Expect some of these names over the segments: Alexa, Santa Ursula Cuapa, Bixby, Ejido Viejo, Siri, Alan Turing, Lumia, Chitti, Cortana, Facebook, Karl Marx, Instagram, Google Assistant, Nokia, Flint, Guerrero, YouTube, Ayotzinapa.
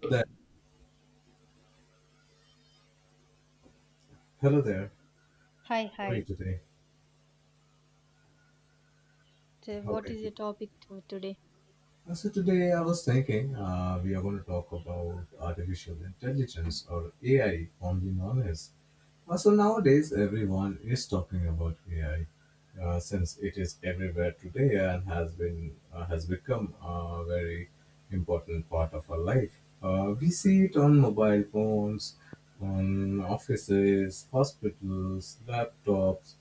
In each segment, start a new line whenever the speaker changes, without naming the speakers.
Hello there. Hello there.
Hi,
How are you
hi.
today?
So
How
what
are
is
you?
the topic to today?
So today I was thinking we are going to talk about artificial intelligence or AI, commonly known as. So nowadays everyone is talking about AI, since it is everywhere today and has become a very important part of our life. We see it on mobile phones, on offices, hospitals, laptops,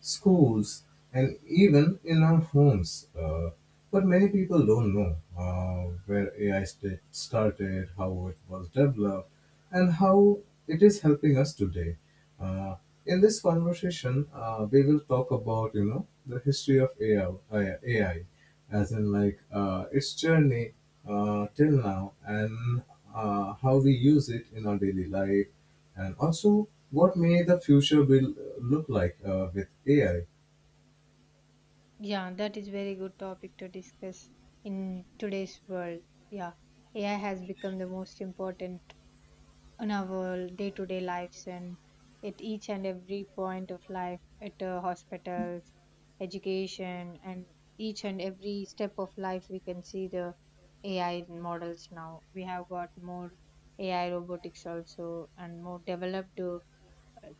schools, and even in our homes. But many people don't know where started, how it was developed, and how it is helping us today. Uh, in this conversation, we will talk about the history of AI, AI as in like its journey till now, and how we use it in our daily life, and also, what may the future will look like with AI?
Yeah, that is very good topic to discuss in today's world. Yeah, AI has become the most important in our day-to-day lives and at each and every point of life, at hospitals, education, and each and every step of life, we can see the AI models now. We have got more AI robotics also and more developed.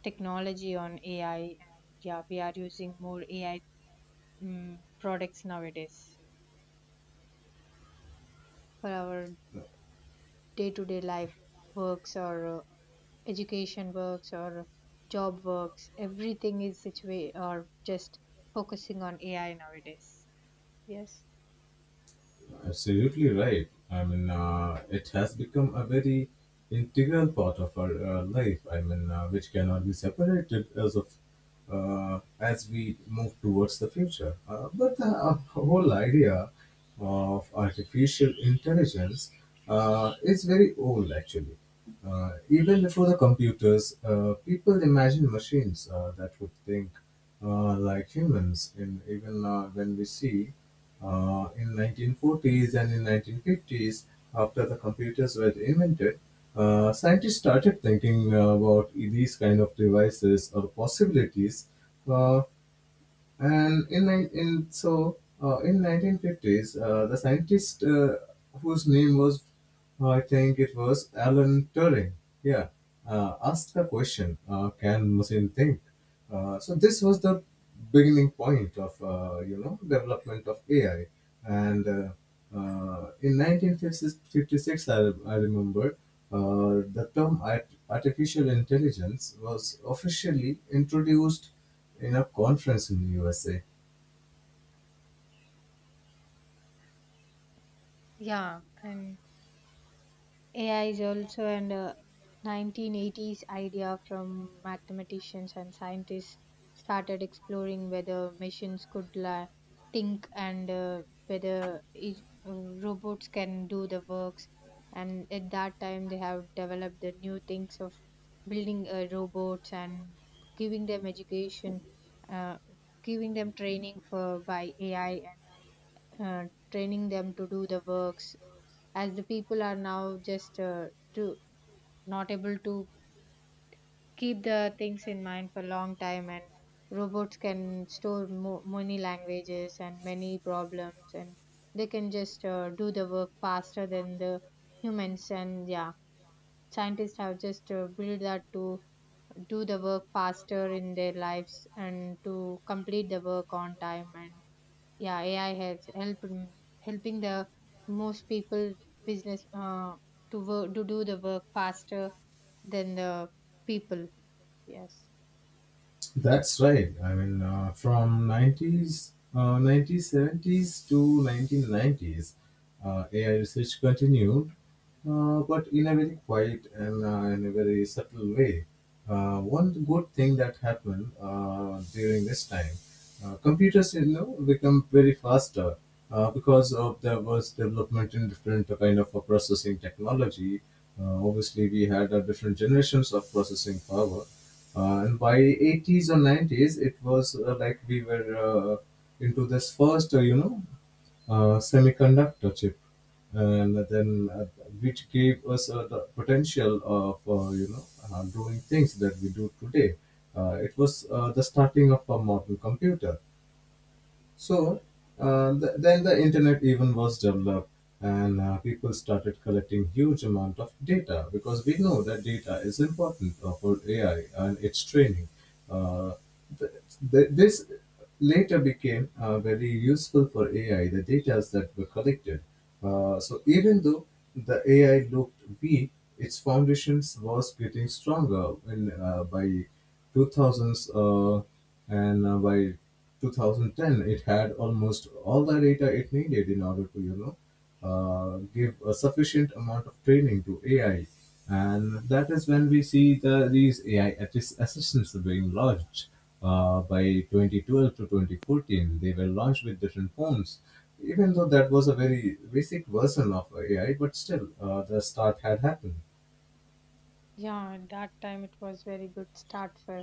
Technology on AI, and yeah, we are using more AI mm products nowadays for our day-to-day life works or education works or job works. Everything is or just focusing on AI nowadays. Yes.
Absolutely right. I mean, it has become a very integral part of our life. I mean, which cannot be separated as of as we move towards the future. But the whole idea of artificial intelligence is very old, actually. Even before the computers, people imagined machines that would think like humans. In even when we see in 1940s and in 1950s, after the computers were invented, scientists started thinking about these kind of devices or possibilities. Uh, and in, nine- in so in 1950s, the scientist whose name was, I think it was Alan Turing, yeah, asked the question, "Can machine think?" So this was the beginning point of development of AI. And in 1956, I remember the term artificial intelligence was officially introduced in a conference in the USA.
Yeah, and AI is also an 1980s idea from mathematicians and scientists started exploring whether machines could think and whether robots can do the works. And at that time, they have developed the new things of building robots and giving them education, uh, giving them training for by AI and uh, training them to do the works as the people are now just to not able to keep the things in mind for long time, and robots can store many languages and many problems, and they can just do the work faster than the humans. And yeah, scientists have just built that to do the work faster in their lives and to complete the work on time. And yeah, AI help in helping the most people, business, to do the work faster than the people. Yes.
That's right. I mean, from 1970s to 1990s, AI research continued but in a very quiet and in a very subtle way. One good thing that happened during this time, computers become very faster because of there was development in different kind of processing technology. Obviously, we had different generations of processing power. And by 80s or 90s, it was like we were into this first, you know, semiconductor chip, and then which gave us the potential of doing things that we do today. It was the starting of a modern computer. So then the internet even was developed, and people started collecting huge amount of data because we know that data is important for AI and its training. Uh, th- this later became very useful for AI. The data that were collected. So even though the AI looked weak, its foundations was getting stronger by 2000s, and by 2010 it had almost all the data it needed in order to give a sufficient amount of training to AI, and that is when we see these assistants being launched. By 2012 to 2014, they were launched with different forms. Even though that was a very basic version of AI, but still, the start had happened.
Yeah, at that time it was very good start for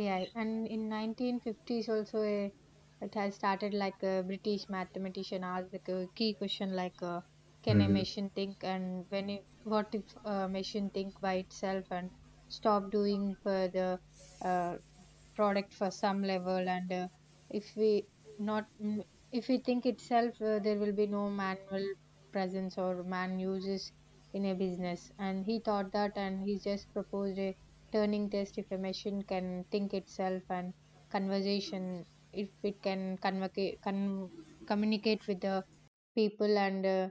AI. And in 1950s also, it has started like a British mathematician asked the key question like, can a
Mhm.
machine think? And when what if a machine think by itself and stop doing for the uh, product for some level? And if we not mm, if we think itself, there will be no manual presence or man uses in a business. And he thought that, and he just proposed a turning test. If a machine can think itself and conversation, if it can communicate with the people, and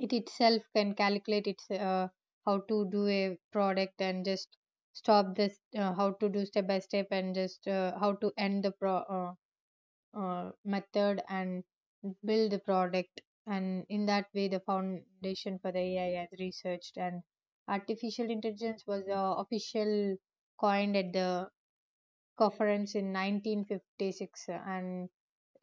it itself can calculate its, how to do a product, and just stop this, how to do step by step, and just how to end the pro method and build the product. And in that way the foundation for the AI has researched. And artificial intelligence was official coined at the conference in 1956. And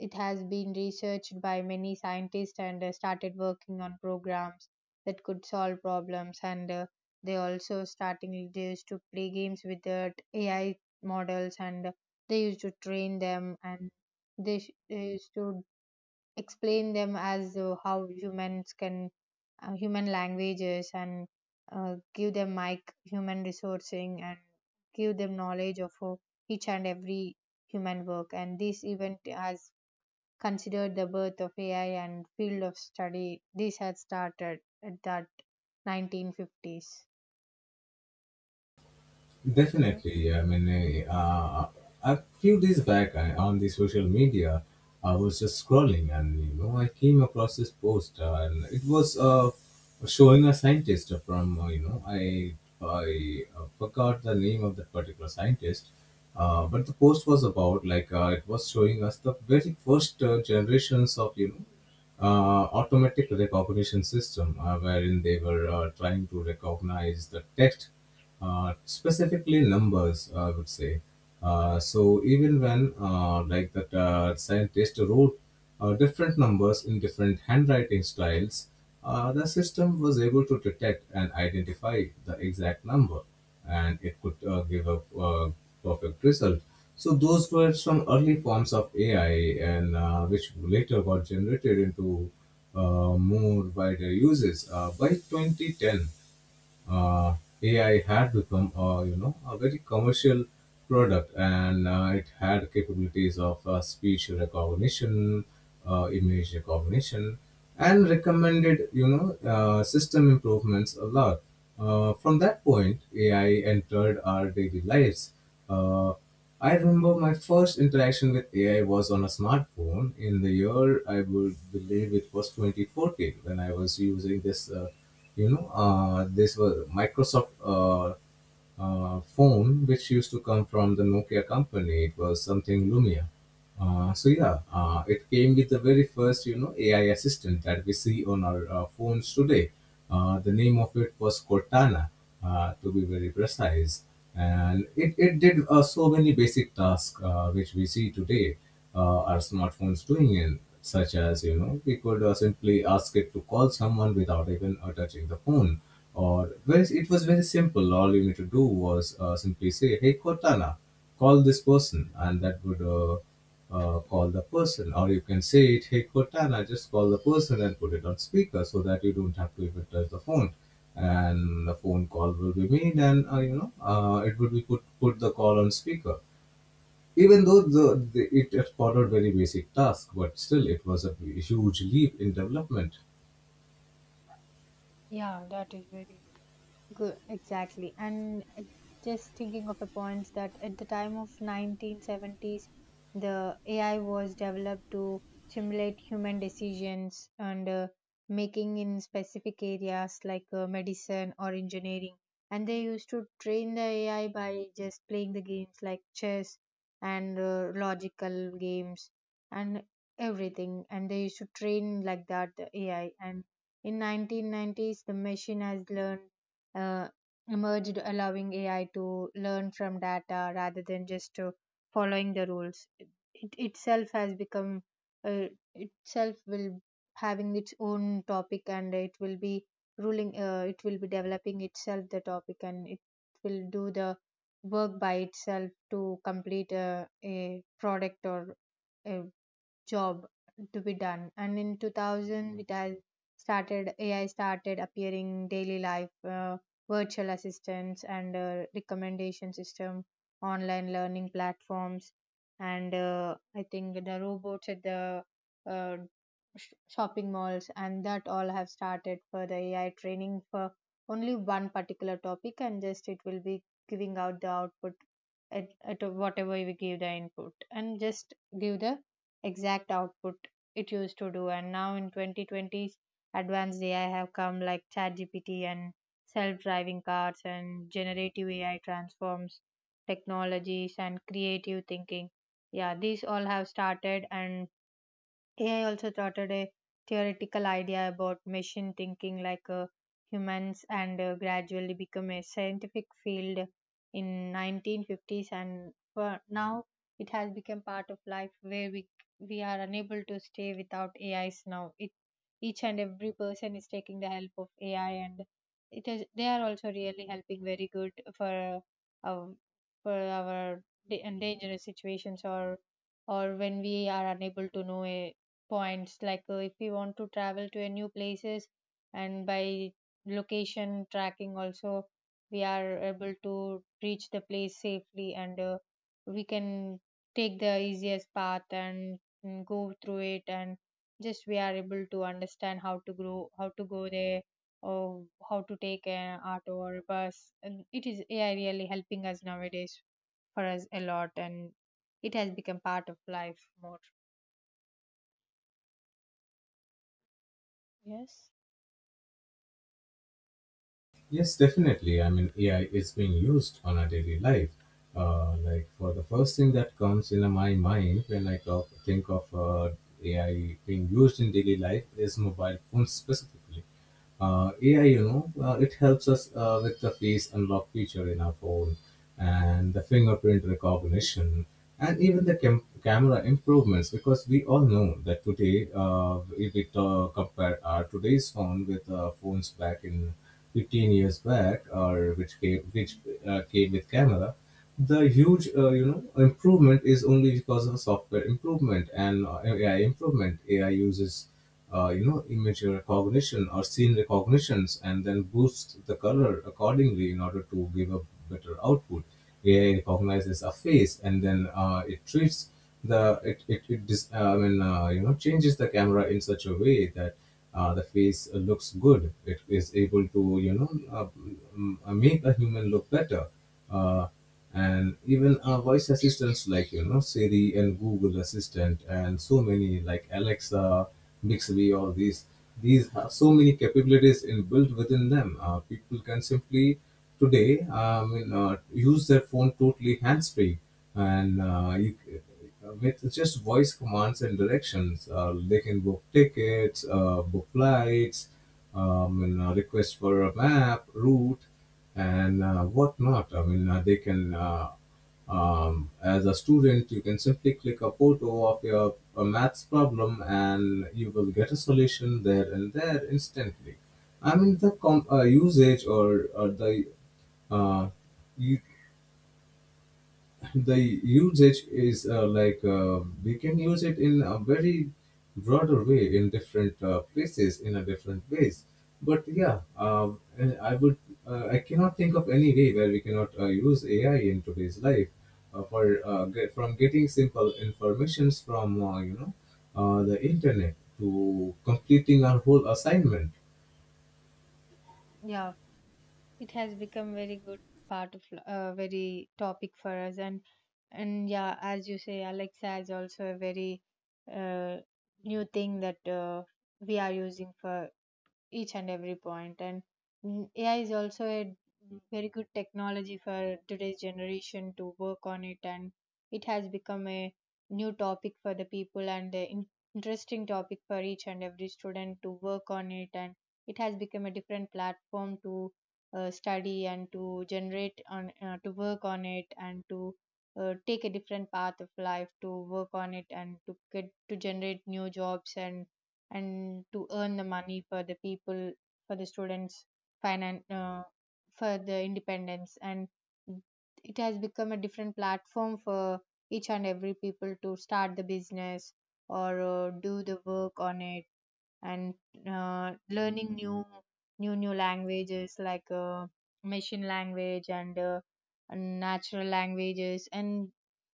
it has been researched by many scientists and started working on programs that could solve problems. And they also starting leaders to play games with the AI models, and they used to train them, and they used to explain them as, how humans can, human languages, and give them like human resourcing, and give them knowledge of each and every human work. And this event has considered the birth of AI and field of study. This had started at that 1950s. Yeah,
Definitely. Yeah, I mean, a few days back on the social media, I was just scrolling and I came across this post , and it was showing a scientist from you know I forgot the name of that particular scientist, but the post was about , it was showing us the very first generations of automatic recognition system wherein they were trying to recognize the text, specifically numbers, I would say. So even when that scientist wrote different numbers in different handwriting styles, the system was able to detect and identify the exact number, and it could give a perfect result. So those were some early forms of AI, and which later got generated into more wider uses. By 2010, uh, AI had become a very commercial product, and it had capabilities of speech recognition, image recognition, and recommended system improvements a lot. From that point, AI entered our daily lives. Uh, I remember my first interaction with AI was on a smartphone in the year, I would believe it was 2014, when I was using this, this was Microsoft phone which used to come from the Nokia company. It was something Lumia. So yeah, it came with the very first AI assistant that we see on our phones today. The name of it was Cortana, to be very precise, and it did so many basic tasks which we see today our smartphones doing in, such as we could simply ask it to call someone without even touching the phone. It was very simple. All you need to do was simply say, "Hey Cortana, call this person," and that would call the person. Or you can say it, "Hey Cortana, just call the person and put it on speaker," so that you don't have to even touch the phone and the phone call will be made and it would be put put the call on speaker. Even though it followed very basic task, but still it was a huge leap in development.
yeah, that is very good, exactly. And just thinking of a point that at the time of 1970s, the AI was developed to simulate human decisions and, making in specific areas like medicine or engineering. And they used to train the AI by just playing the games like chess and logical games and everything. And they used to train like that the AI. And in 1990s, the machine has learned, uh, emerged allowing AI to learn from data rather than just following the rules. It itself has become, uh, itself will having its own topic, and it will be ruling it will be developing itself the topic, and it will do the work by itself to complete a product or a job to be done. And in 2000 it has started. AI started appearing daily life, uh, virtual assistants and recommendation system, online learning platforms. And I think the robots at the uh, shopping malls, and that all have started for the AI training for only one particular topic, and just it will be giving out the output at whatever we give the input, and just give the exact output it used to do. And now in 2020s advanced AI have come, like ChatGPT and self-driving cars, and generative AI transforms technologies and creative thinking. Yeah, these all have started. And AI also started a theoretical idea about machine thinking like humans, and gradually become a scientific field in 1950s. And for now it has become part of life where we are unable to stay without AIs now. It, each and every person is taking the help of AI, and it is, they are also really helping very good for our, for our dangerous situations, or when we are unable to know a points, like if we want to travel to a new places. And by location tracking also we are able to reach the place safely. And we can take the easiest path and go through it, and just we are able to understand how to grow, how to go there, or how to take an auto or a bus. And it is AI really helping us nowadays for us a lot. And it has become part of life more. Yes.
Yes, definitely. I mean, AI is being used on our daily life. Like, for the first thing that comes in my mind when I think of AI being used in daily life is mobile phones specifically. AI, it helps us with the face unlock feature in our phone and the fingerprint recognition and even the camera improvements, because we all know that today, if we compare our today's phone with phones back in 15 years back, or which came with camera, the huge improvement is only because of software improvement and AI improvement. AI uses image recognition or scene recognitions, and then boosts the color accordingly in order to give a better output. AI recognizes a face and then it treats the it it, it dis, I mean you know changes the camera in such a way that the face looks good. It is able to make a human look better. Uh, and even voice assistants like Siri and Google Assistant, and so many like Alexa, Bixby, all these have so many capabilities inbuilt within them. People can simply today use their phone totally hands free, and with just voice commands and directions. They can book tickets, book flights, and request for a map, route, and whatnot. I mean, as a student, you can simply click a photo of your a maths problem and you will get a solution there and there instantly. I mean, the com- usage or the uh, u- the usage is , like we can use it in a very broader way in different places in a different ways, but and I cannot think of any way where we cannot use AI in today's life, from getting simple informations from the internet to completing our whole assignment.
Yeah, it has become very good part of very topic for us. And yeah, as you say, Alexa is also a very, uh, new thing that we are using for each and every point. And AI is also a very good technology for today's generation to work on it. And it has become a new topic for the people, and an interesting topic for each and every student to work on it. And it has become a different platform to study and to generate on, to work on it, and to take a different path of life to work on it, and to get to generate new jobs, and to earn the money for the people, for the students, finan for the independence. And it has become a different platform for each and every people to start the business or do the work on it, and learning new languages like machine language and natural languages. And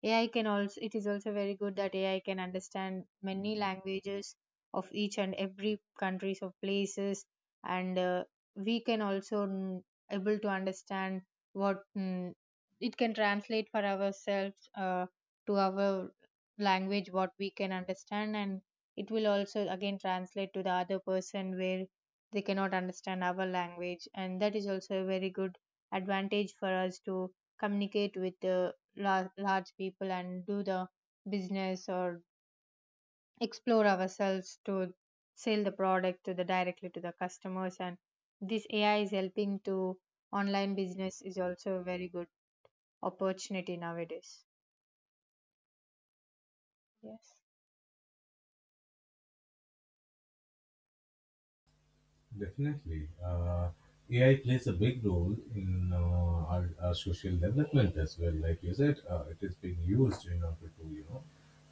AI can also, it is also very good that AI can understand many languages of each and every countries of places. And we can also able to understand what it can translate for ourselves, to our language what we can understand, and it will also again translate to the other person where they cannot understand our language. And that is also a very good advantage for us to communicate with the large people and do the business, or explore ourselves to sell the product to the directly to the customers. And this AI is helping to online business is also a very good opportunity nowadays. Yes.
Definitely. AI plays a big role in our social development as well. Like you said, it is being used in order to, you know,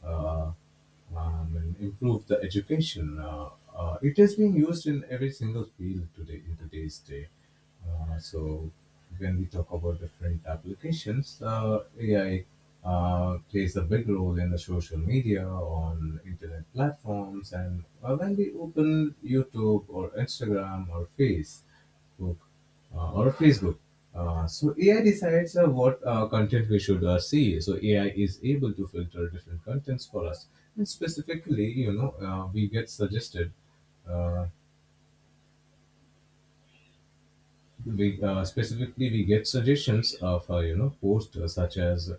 uh, and improve the education. It is being used in every single field today in today's day. So when we talk about different applications, AI plays a big role in the social media, on internet platforms, and when we open YouTube or Instagram or Facebook. So AI decides what content we should see. So AI is able to filter different contents for us, and specifically, we get suggested. Uh, we specifically we get suggestions of posts such as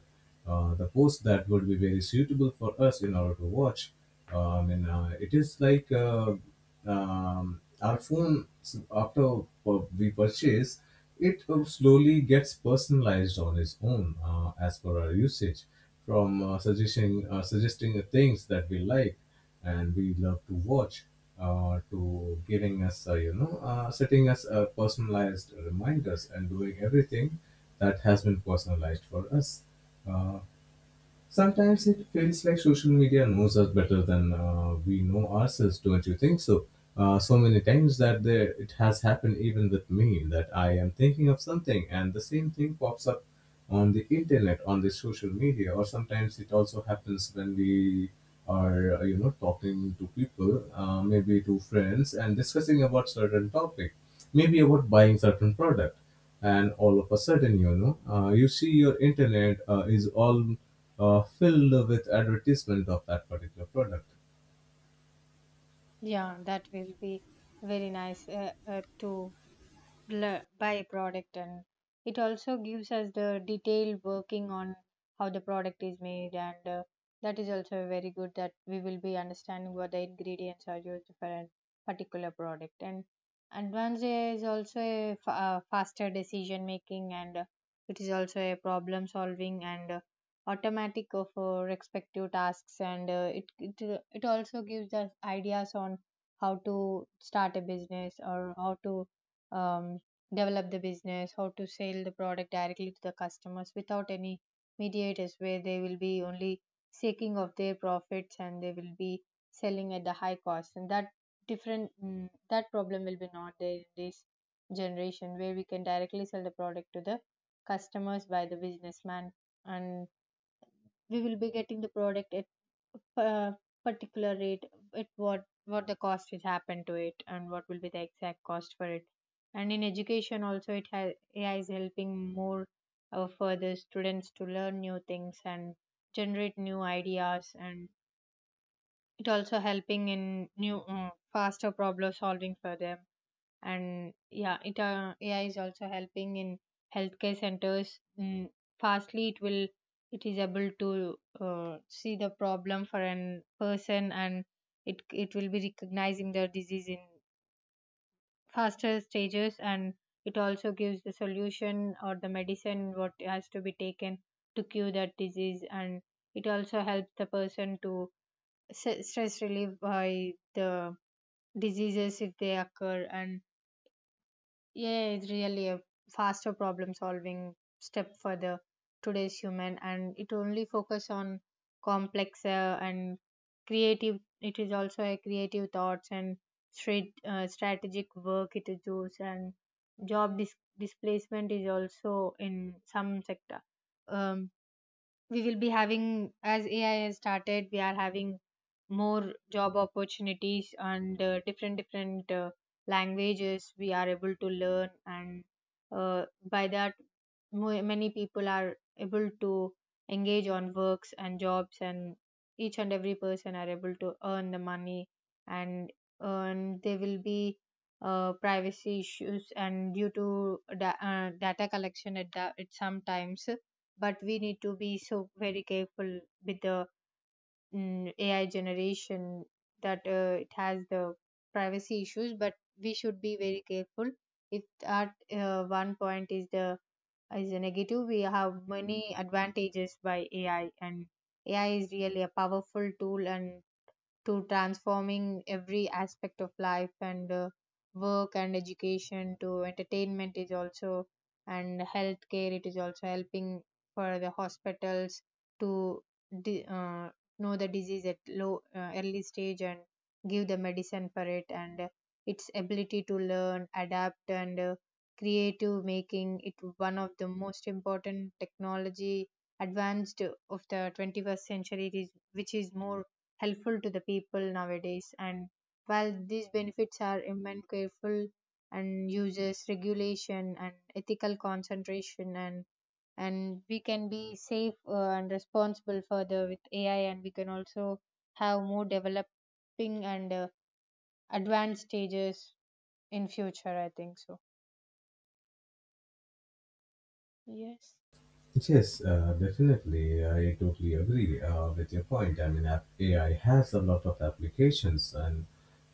the post that would be very suitable for us in order to watch. It is like our after we purchase it slowly gets personalized on its own as per our usage, from suggesting the things that we like and we love to watch, to giving us setting us personalized reminders and doing everything that has been personalized for us uh, Sometimes it feels like social media knows us better than we know ourselves, don't you think so? So many times that there, it has happened even with me that I am thinking of something and the same thing pops up on the internet, on the social media. Or sometimes it also happens when we are, talking to people, maybe to friends, and discussing about certain topic, maybe about buying certain product, and all of a sudden, you see your internet is all filled with advertisement of that particular product.
Yeah, that will be very nice, to byproduct. And it also gives us the detailed working on how the product is made. And that is also very good that we will be understanding what the ingredients are used for a particular product. And advance is also a faster decision making, and it is also a problem solving, and automatic of respective tasks. And it also gives us ideas on how to start a business, or how to um, develop the business, how to sell the product directly to the customers without any mediators, where they will be only seeking of their profits and they will be selling at the high cost. And that that problem will be not there in this generation, where we can directly sell the product to the customers by the businessman. And we will be getting the product at uh, particular rate at what the cost is happened to it, and what will be the exact cost for it. And in education also, it has, AI is helping more further students to learn new things and generate new ideas. And it also helping in new, faster problem solving for them. And yeah, it AI is also helping in healthcare centers. Fastly, it will, it is able to see the problem for an person, and it will be recognizing the disease in faster stages. And it also gives the solution or the medicine what has to be taken to cure that disease. And it also helps the person to stress relief by the diseases if they occur. And yeah, it's really a faster problem solving step for the today's human, and it only focus on complex and creative. It is also a creative thoughts and straight strategic work it is used, and job displacement is also in some sector. Um, we will be having, as AI has started, we are having more job opportunities, and different languages we are able to learn, and uh, by that, many people are able to engage on works and jobs, and each and every person are able to earn the money, and earn, there will be privacy issues and due to data collection at sometimes, but we need to be so very careful with the AI generation, that it has the privacy issues. But we should be very careful. If at one point is a negative, we have many advantages by AI, and AI is really a powerful tool and to transforming every aspect of life and work and education to entertainment is also, and healthcare it is also helping for the hospitals to di- uh, know the disease at low early stage and give the medicine for it, and its ability to learn, adapt and creative, making it one of the most important technology advanced of the 21st century, it is, which is more helpful to the people nowadays. And while these benefits are immense, careful and uses regulation and ethical concentration, and we can be safe and responsible further with AI, and we can also have more developing and advanced stages in future, I think so. Yes.
Yes, definitely. I totally agree with your point. I mean, AI has a lot of applications, and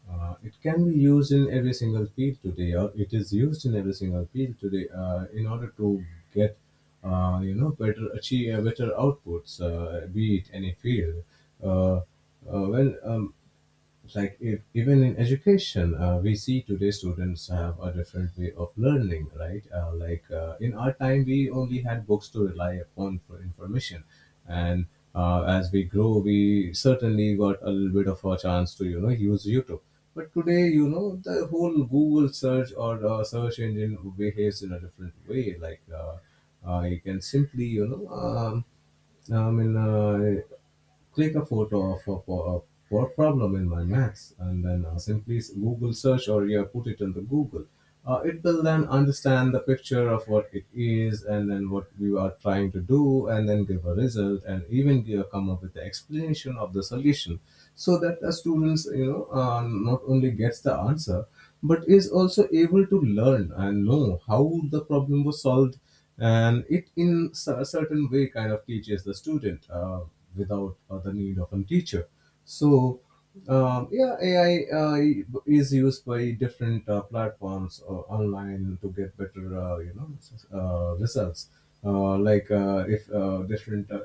it can be used in every single field today, or it is used in every single field today in order to get, better achieve better outputs, be it any field. Uh, uh, when Like if, even in education, we see today students have a different way of learning, right? In our time we only had books to rely upon for information, and as we grow we certainly got a little bit of a chance to, you know, use YouTube. But today, you know, the whole Google search or search engine behaves in a different way. You can simply, you know, I mean, uh, click a photo of a, a poor problem in my maths, and then Google search, or yeah, put it in the Google. It will then understand the picture of what it is and then what we are trying to do, and then give a result and even give, come up with the explanation of the solution, so that the students, you know, not only gets the answer but is also able to learn and know how the problem was solved, and it in a certain way kind of teaches the student without the need of a teacher. So yeah, ai is used by different platforms online to get better, results. Like if different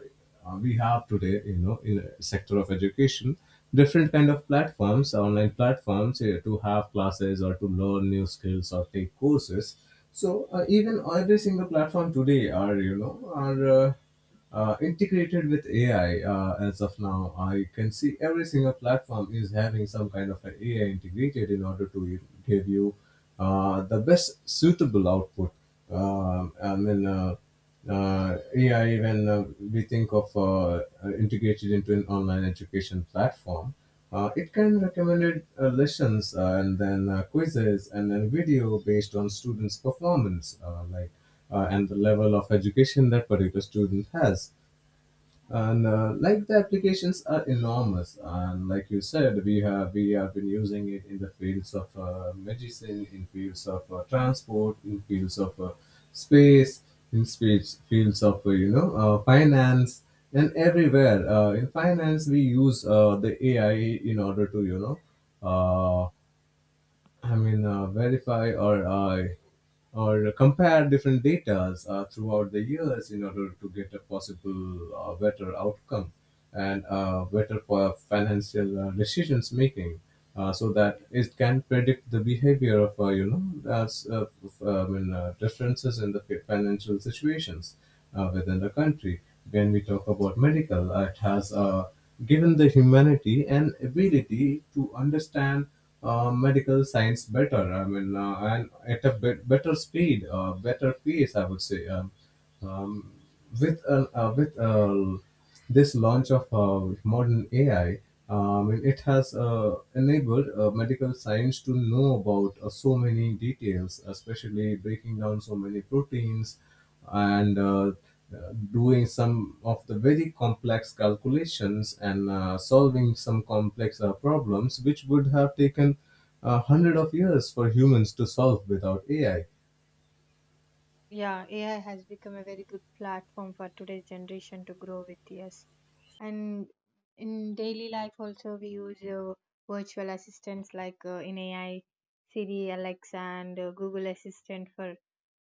We have today, you know, in a sector of education, different kind of platforms, online platforms, to have classes or to learn new skills or take courses. So even every single platform today are, you know, are integrated with AI as of now. I can see every single platform is having some kind of an AI integrated in order to give you the best suitable output. Um I mean. Uh, yeah, when we think of integrated into an online education platform, it can recommend lessons and then quizzes and then video based on students' performance, like and the level of education that particular student has. And like, the applications are enormous, and like you said, we have been using it in the fields of medicine, in fields of transport, in fields of space, in space, fields of finance, and everywhere. In finance we use the AI in order to, you know, Uh, verify or compare different datas throughout the years in order to get a possible better outcome and better for financial decisions making, so that it can predict the behavior of, you know as, f- I mean, differences in the financial situations within the country. When we talk about medical, it has given the humanity an ability to understand medical science better. I mean, and at a bet better speed, better pace, I would say. Um, with this launch of modern AI, it has enabled medical science to know about so many details, especially breaking down so many proteins, and doing some of the very complex calculations, and solving some complex problems, which would have taken a hundred of years for humans to solve without AI.
Yeah, AI has become a very good platform for today's generation to grow with. Yes, and in daily life also we use virtual assistants, like in AI, Siri, Alexa, and Google Assistant for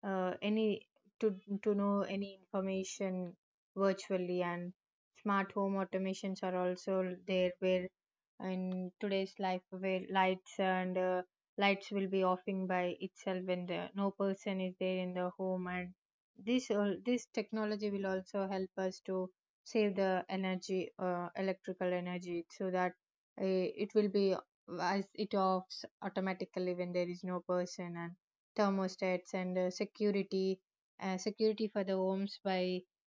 any, to know any information virtually. And smart home automations are also there, where in today's life, where lights will be offing by itself when no person is there in the home, and this technology will also help us to save the energy electrical energy, so that it will be, as it offs automatically when there is no person, and thermostats and security security for the homes by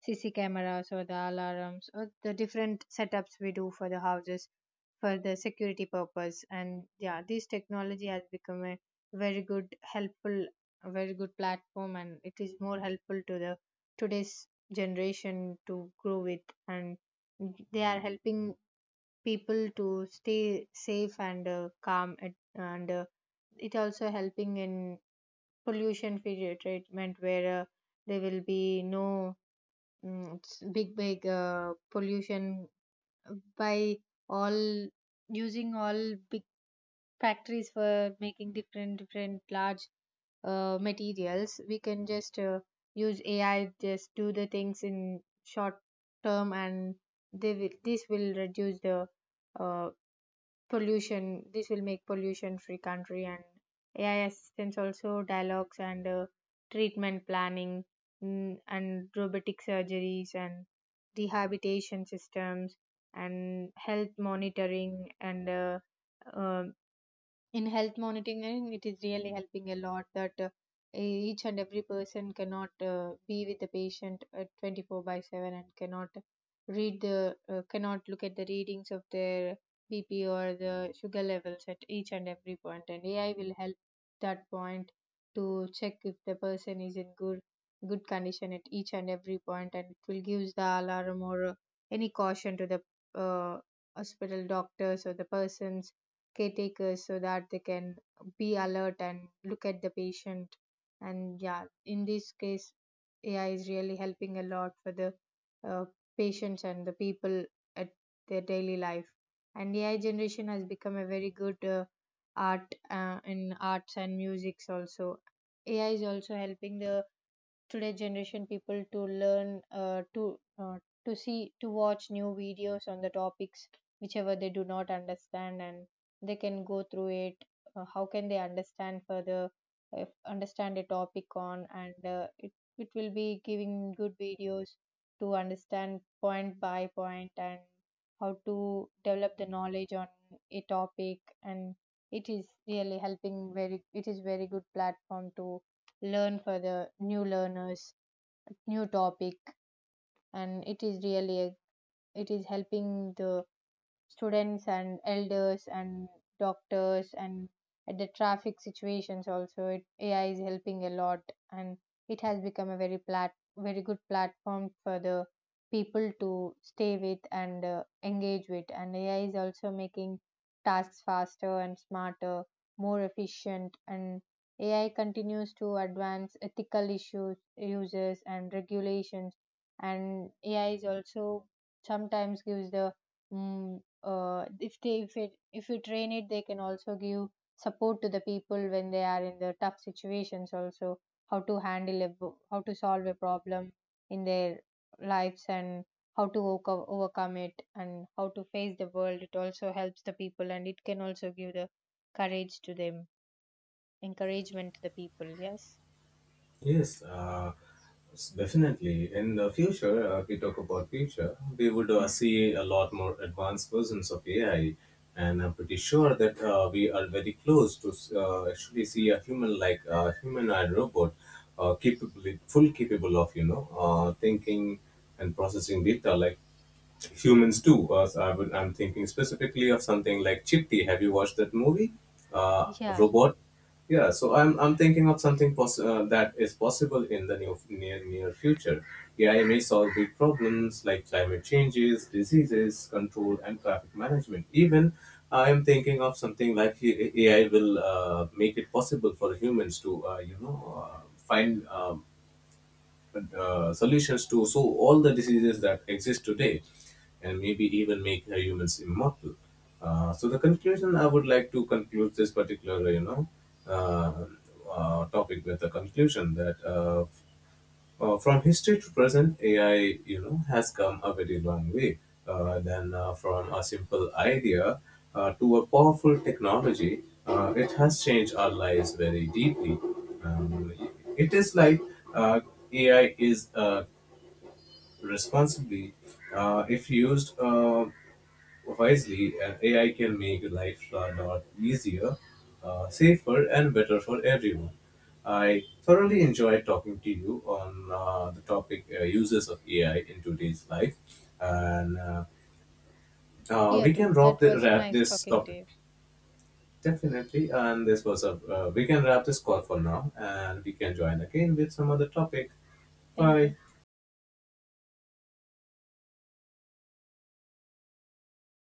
cc cameras or the alarms or the different setups we do for the houses for the security purpose. And yeah, this technology has become very good helpful a very good platform, and it is more helpful to the today's generation to grow with, and they are helping people to stay safe and calm and it also helping in pollution free treatment, where there will be no big pollution by all, using all big factories for making different large materials. We can just use AI, just do the things in short term, and this will reduce the uh, pollution. This will make pollution free country. And AI assistance also dialogues and treatment planning, and robotic surgeries and rehabilitation systems and health monitoring and uh, in health monitoring, it is really helping a lot, that each and every person cannot be with the patient at 24/7 and cannot look at the readings of their bp or the sugar levels at each and every point, and AI will help that point to check if the person is in good condition at each and every point, and it will give the alarm or any caution to the uh, hospital doctors or the persons, caretakers, so that they can be alert and look at the patient. And yeah, in this case, AI is really helping a lot for the uh, patients and the people at their daily life. And AI generation has become a very good art in arts and musics also. AI is also helping the today's generation people to learn to watch new videos on the topics whichever they do not understand, and they can go through it, how can they understand further, understand a topic on, and it will be giving good videos to understand point by point and how to develop the knowledge on a topic. And it is really helping very it is very good platform to learn for the new learners new topic and it is really a, it is helping the students and elders and doctors, and at the traffic situations also, AI is helping a lot. And it has become a very good platform for the people to stay with and engage with. And AI is also making tasks faster and smarter, more efficient. And AI continues to advance ethical issues uses and regulations. And AI is also sometimes gives the mm if you train it, they can also give support to the people when they are in the tough situations also, how to handle how to solve a problem in their lives, and how to overcome it, and how to face the world. It also helps the people, and it can also give the courage to them, encouragement to the people. Yes.
Yes, definitely. In the future, if we talk about future, we would see a lot more advanced versions of AI, and I'm pretty sure that we are very close to actually see a human-like, humanoid robot, capable, full capable of, you know, thinking and processing data like humans do. So I would, I'm thinking specifically of something like Chitti. Have you watched that movie?
Yeah,
Robot. Yeah, so I'm thinking of something that is possible in the new, near future. AI may solve big problems like climate changes, diseases, control, and traffic management. Even I am thinking of something like AI will make it possible for humans to, find solutions to so all the diseases that exist today, and maybe even make humans immortal. So the conclusion, I would like to conclude this particular, uh, topic, with the conclusion that from history to present, AI, you know, has come a very long way. Then From a simple idea to a powerful technology, it has changed our lives very deeply. Um, it is like uh, AI is responsibly, if used, wisely, and AI can make life a lot easier, safer, and better for everyone. I thoroughly enjoyed talking to you on the topic, uses of AI in today's life, and
here
we can
too.
wrap,
That
the,
was
wrap
nice
this
talking to
topic
you.
definitely. And this was a we can wrap this call for now, and we can join again with some other topic.
Thank you.
Bye.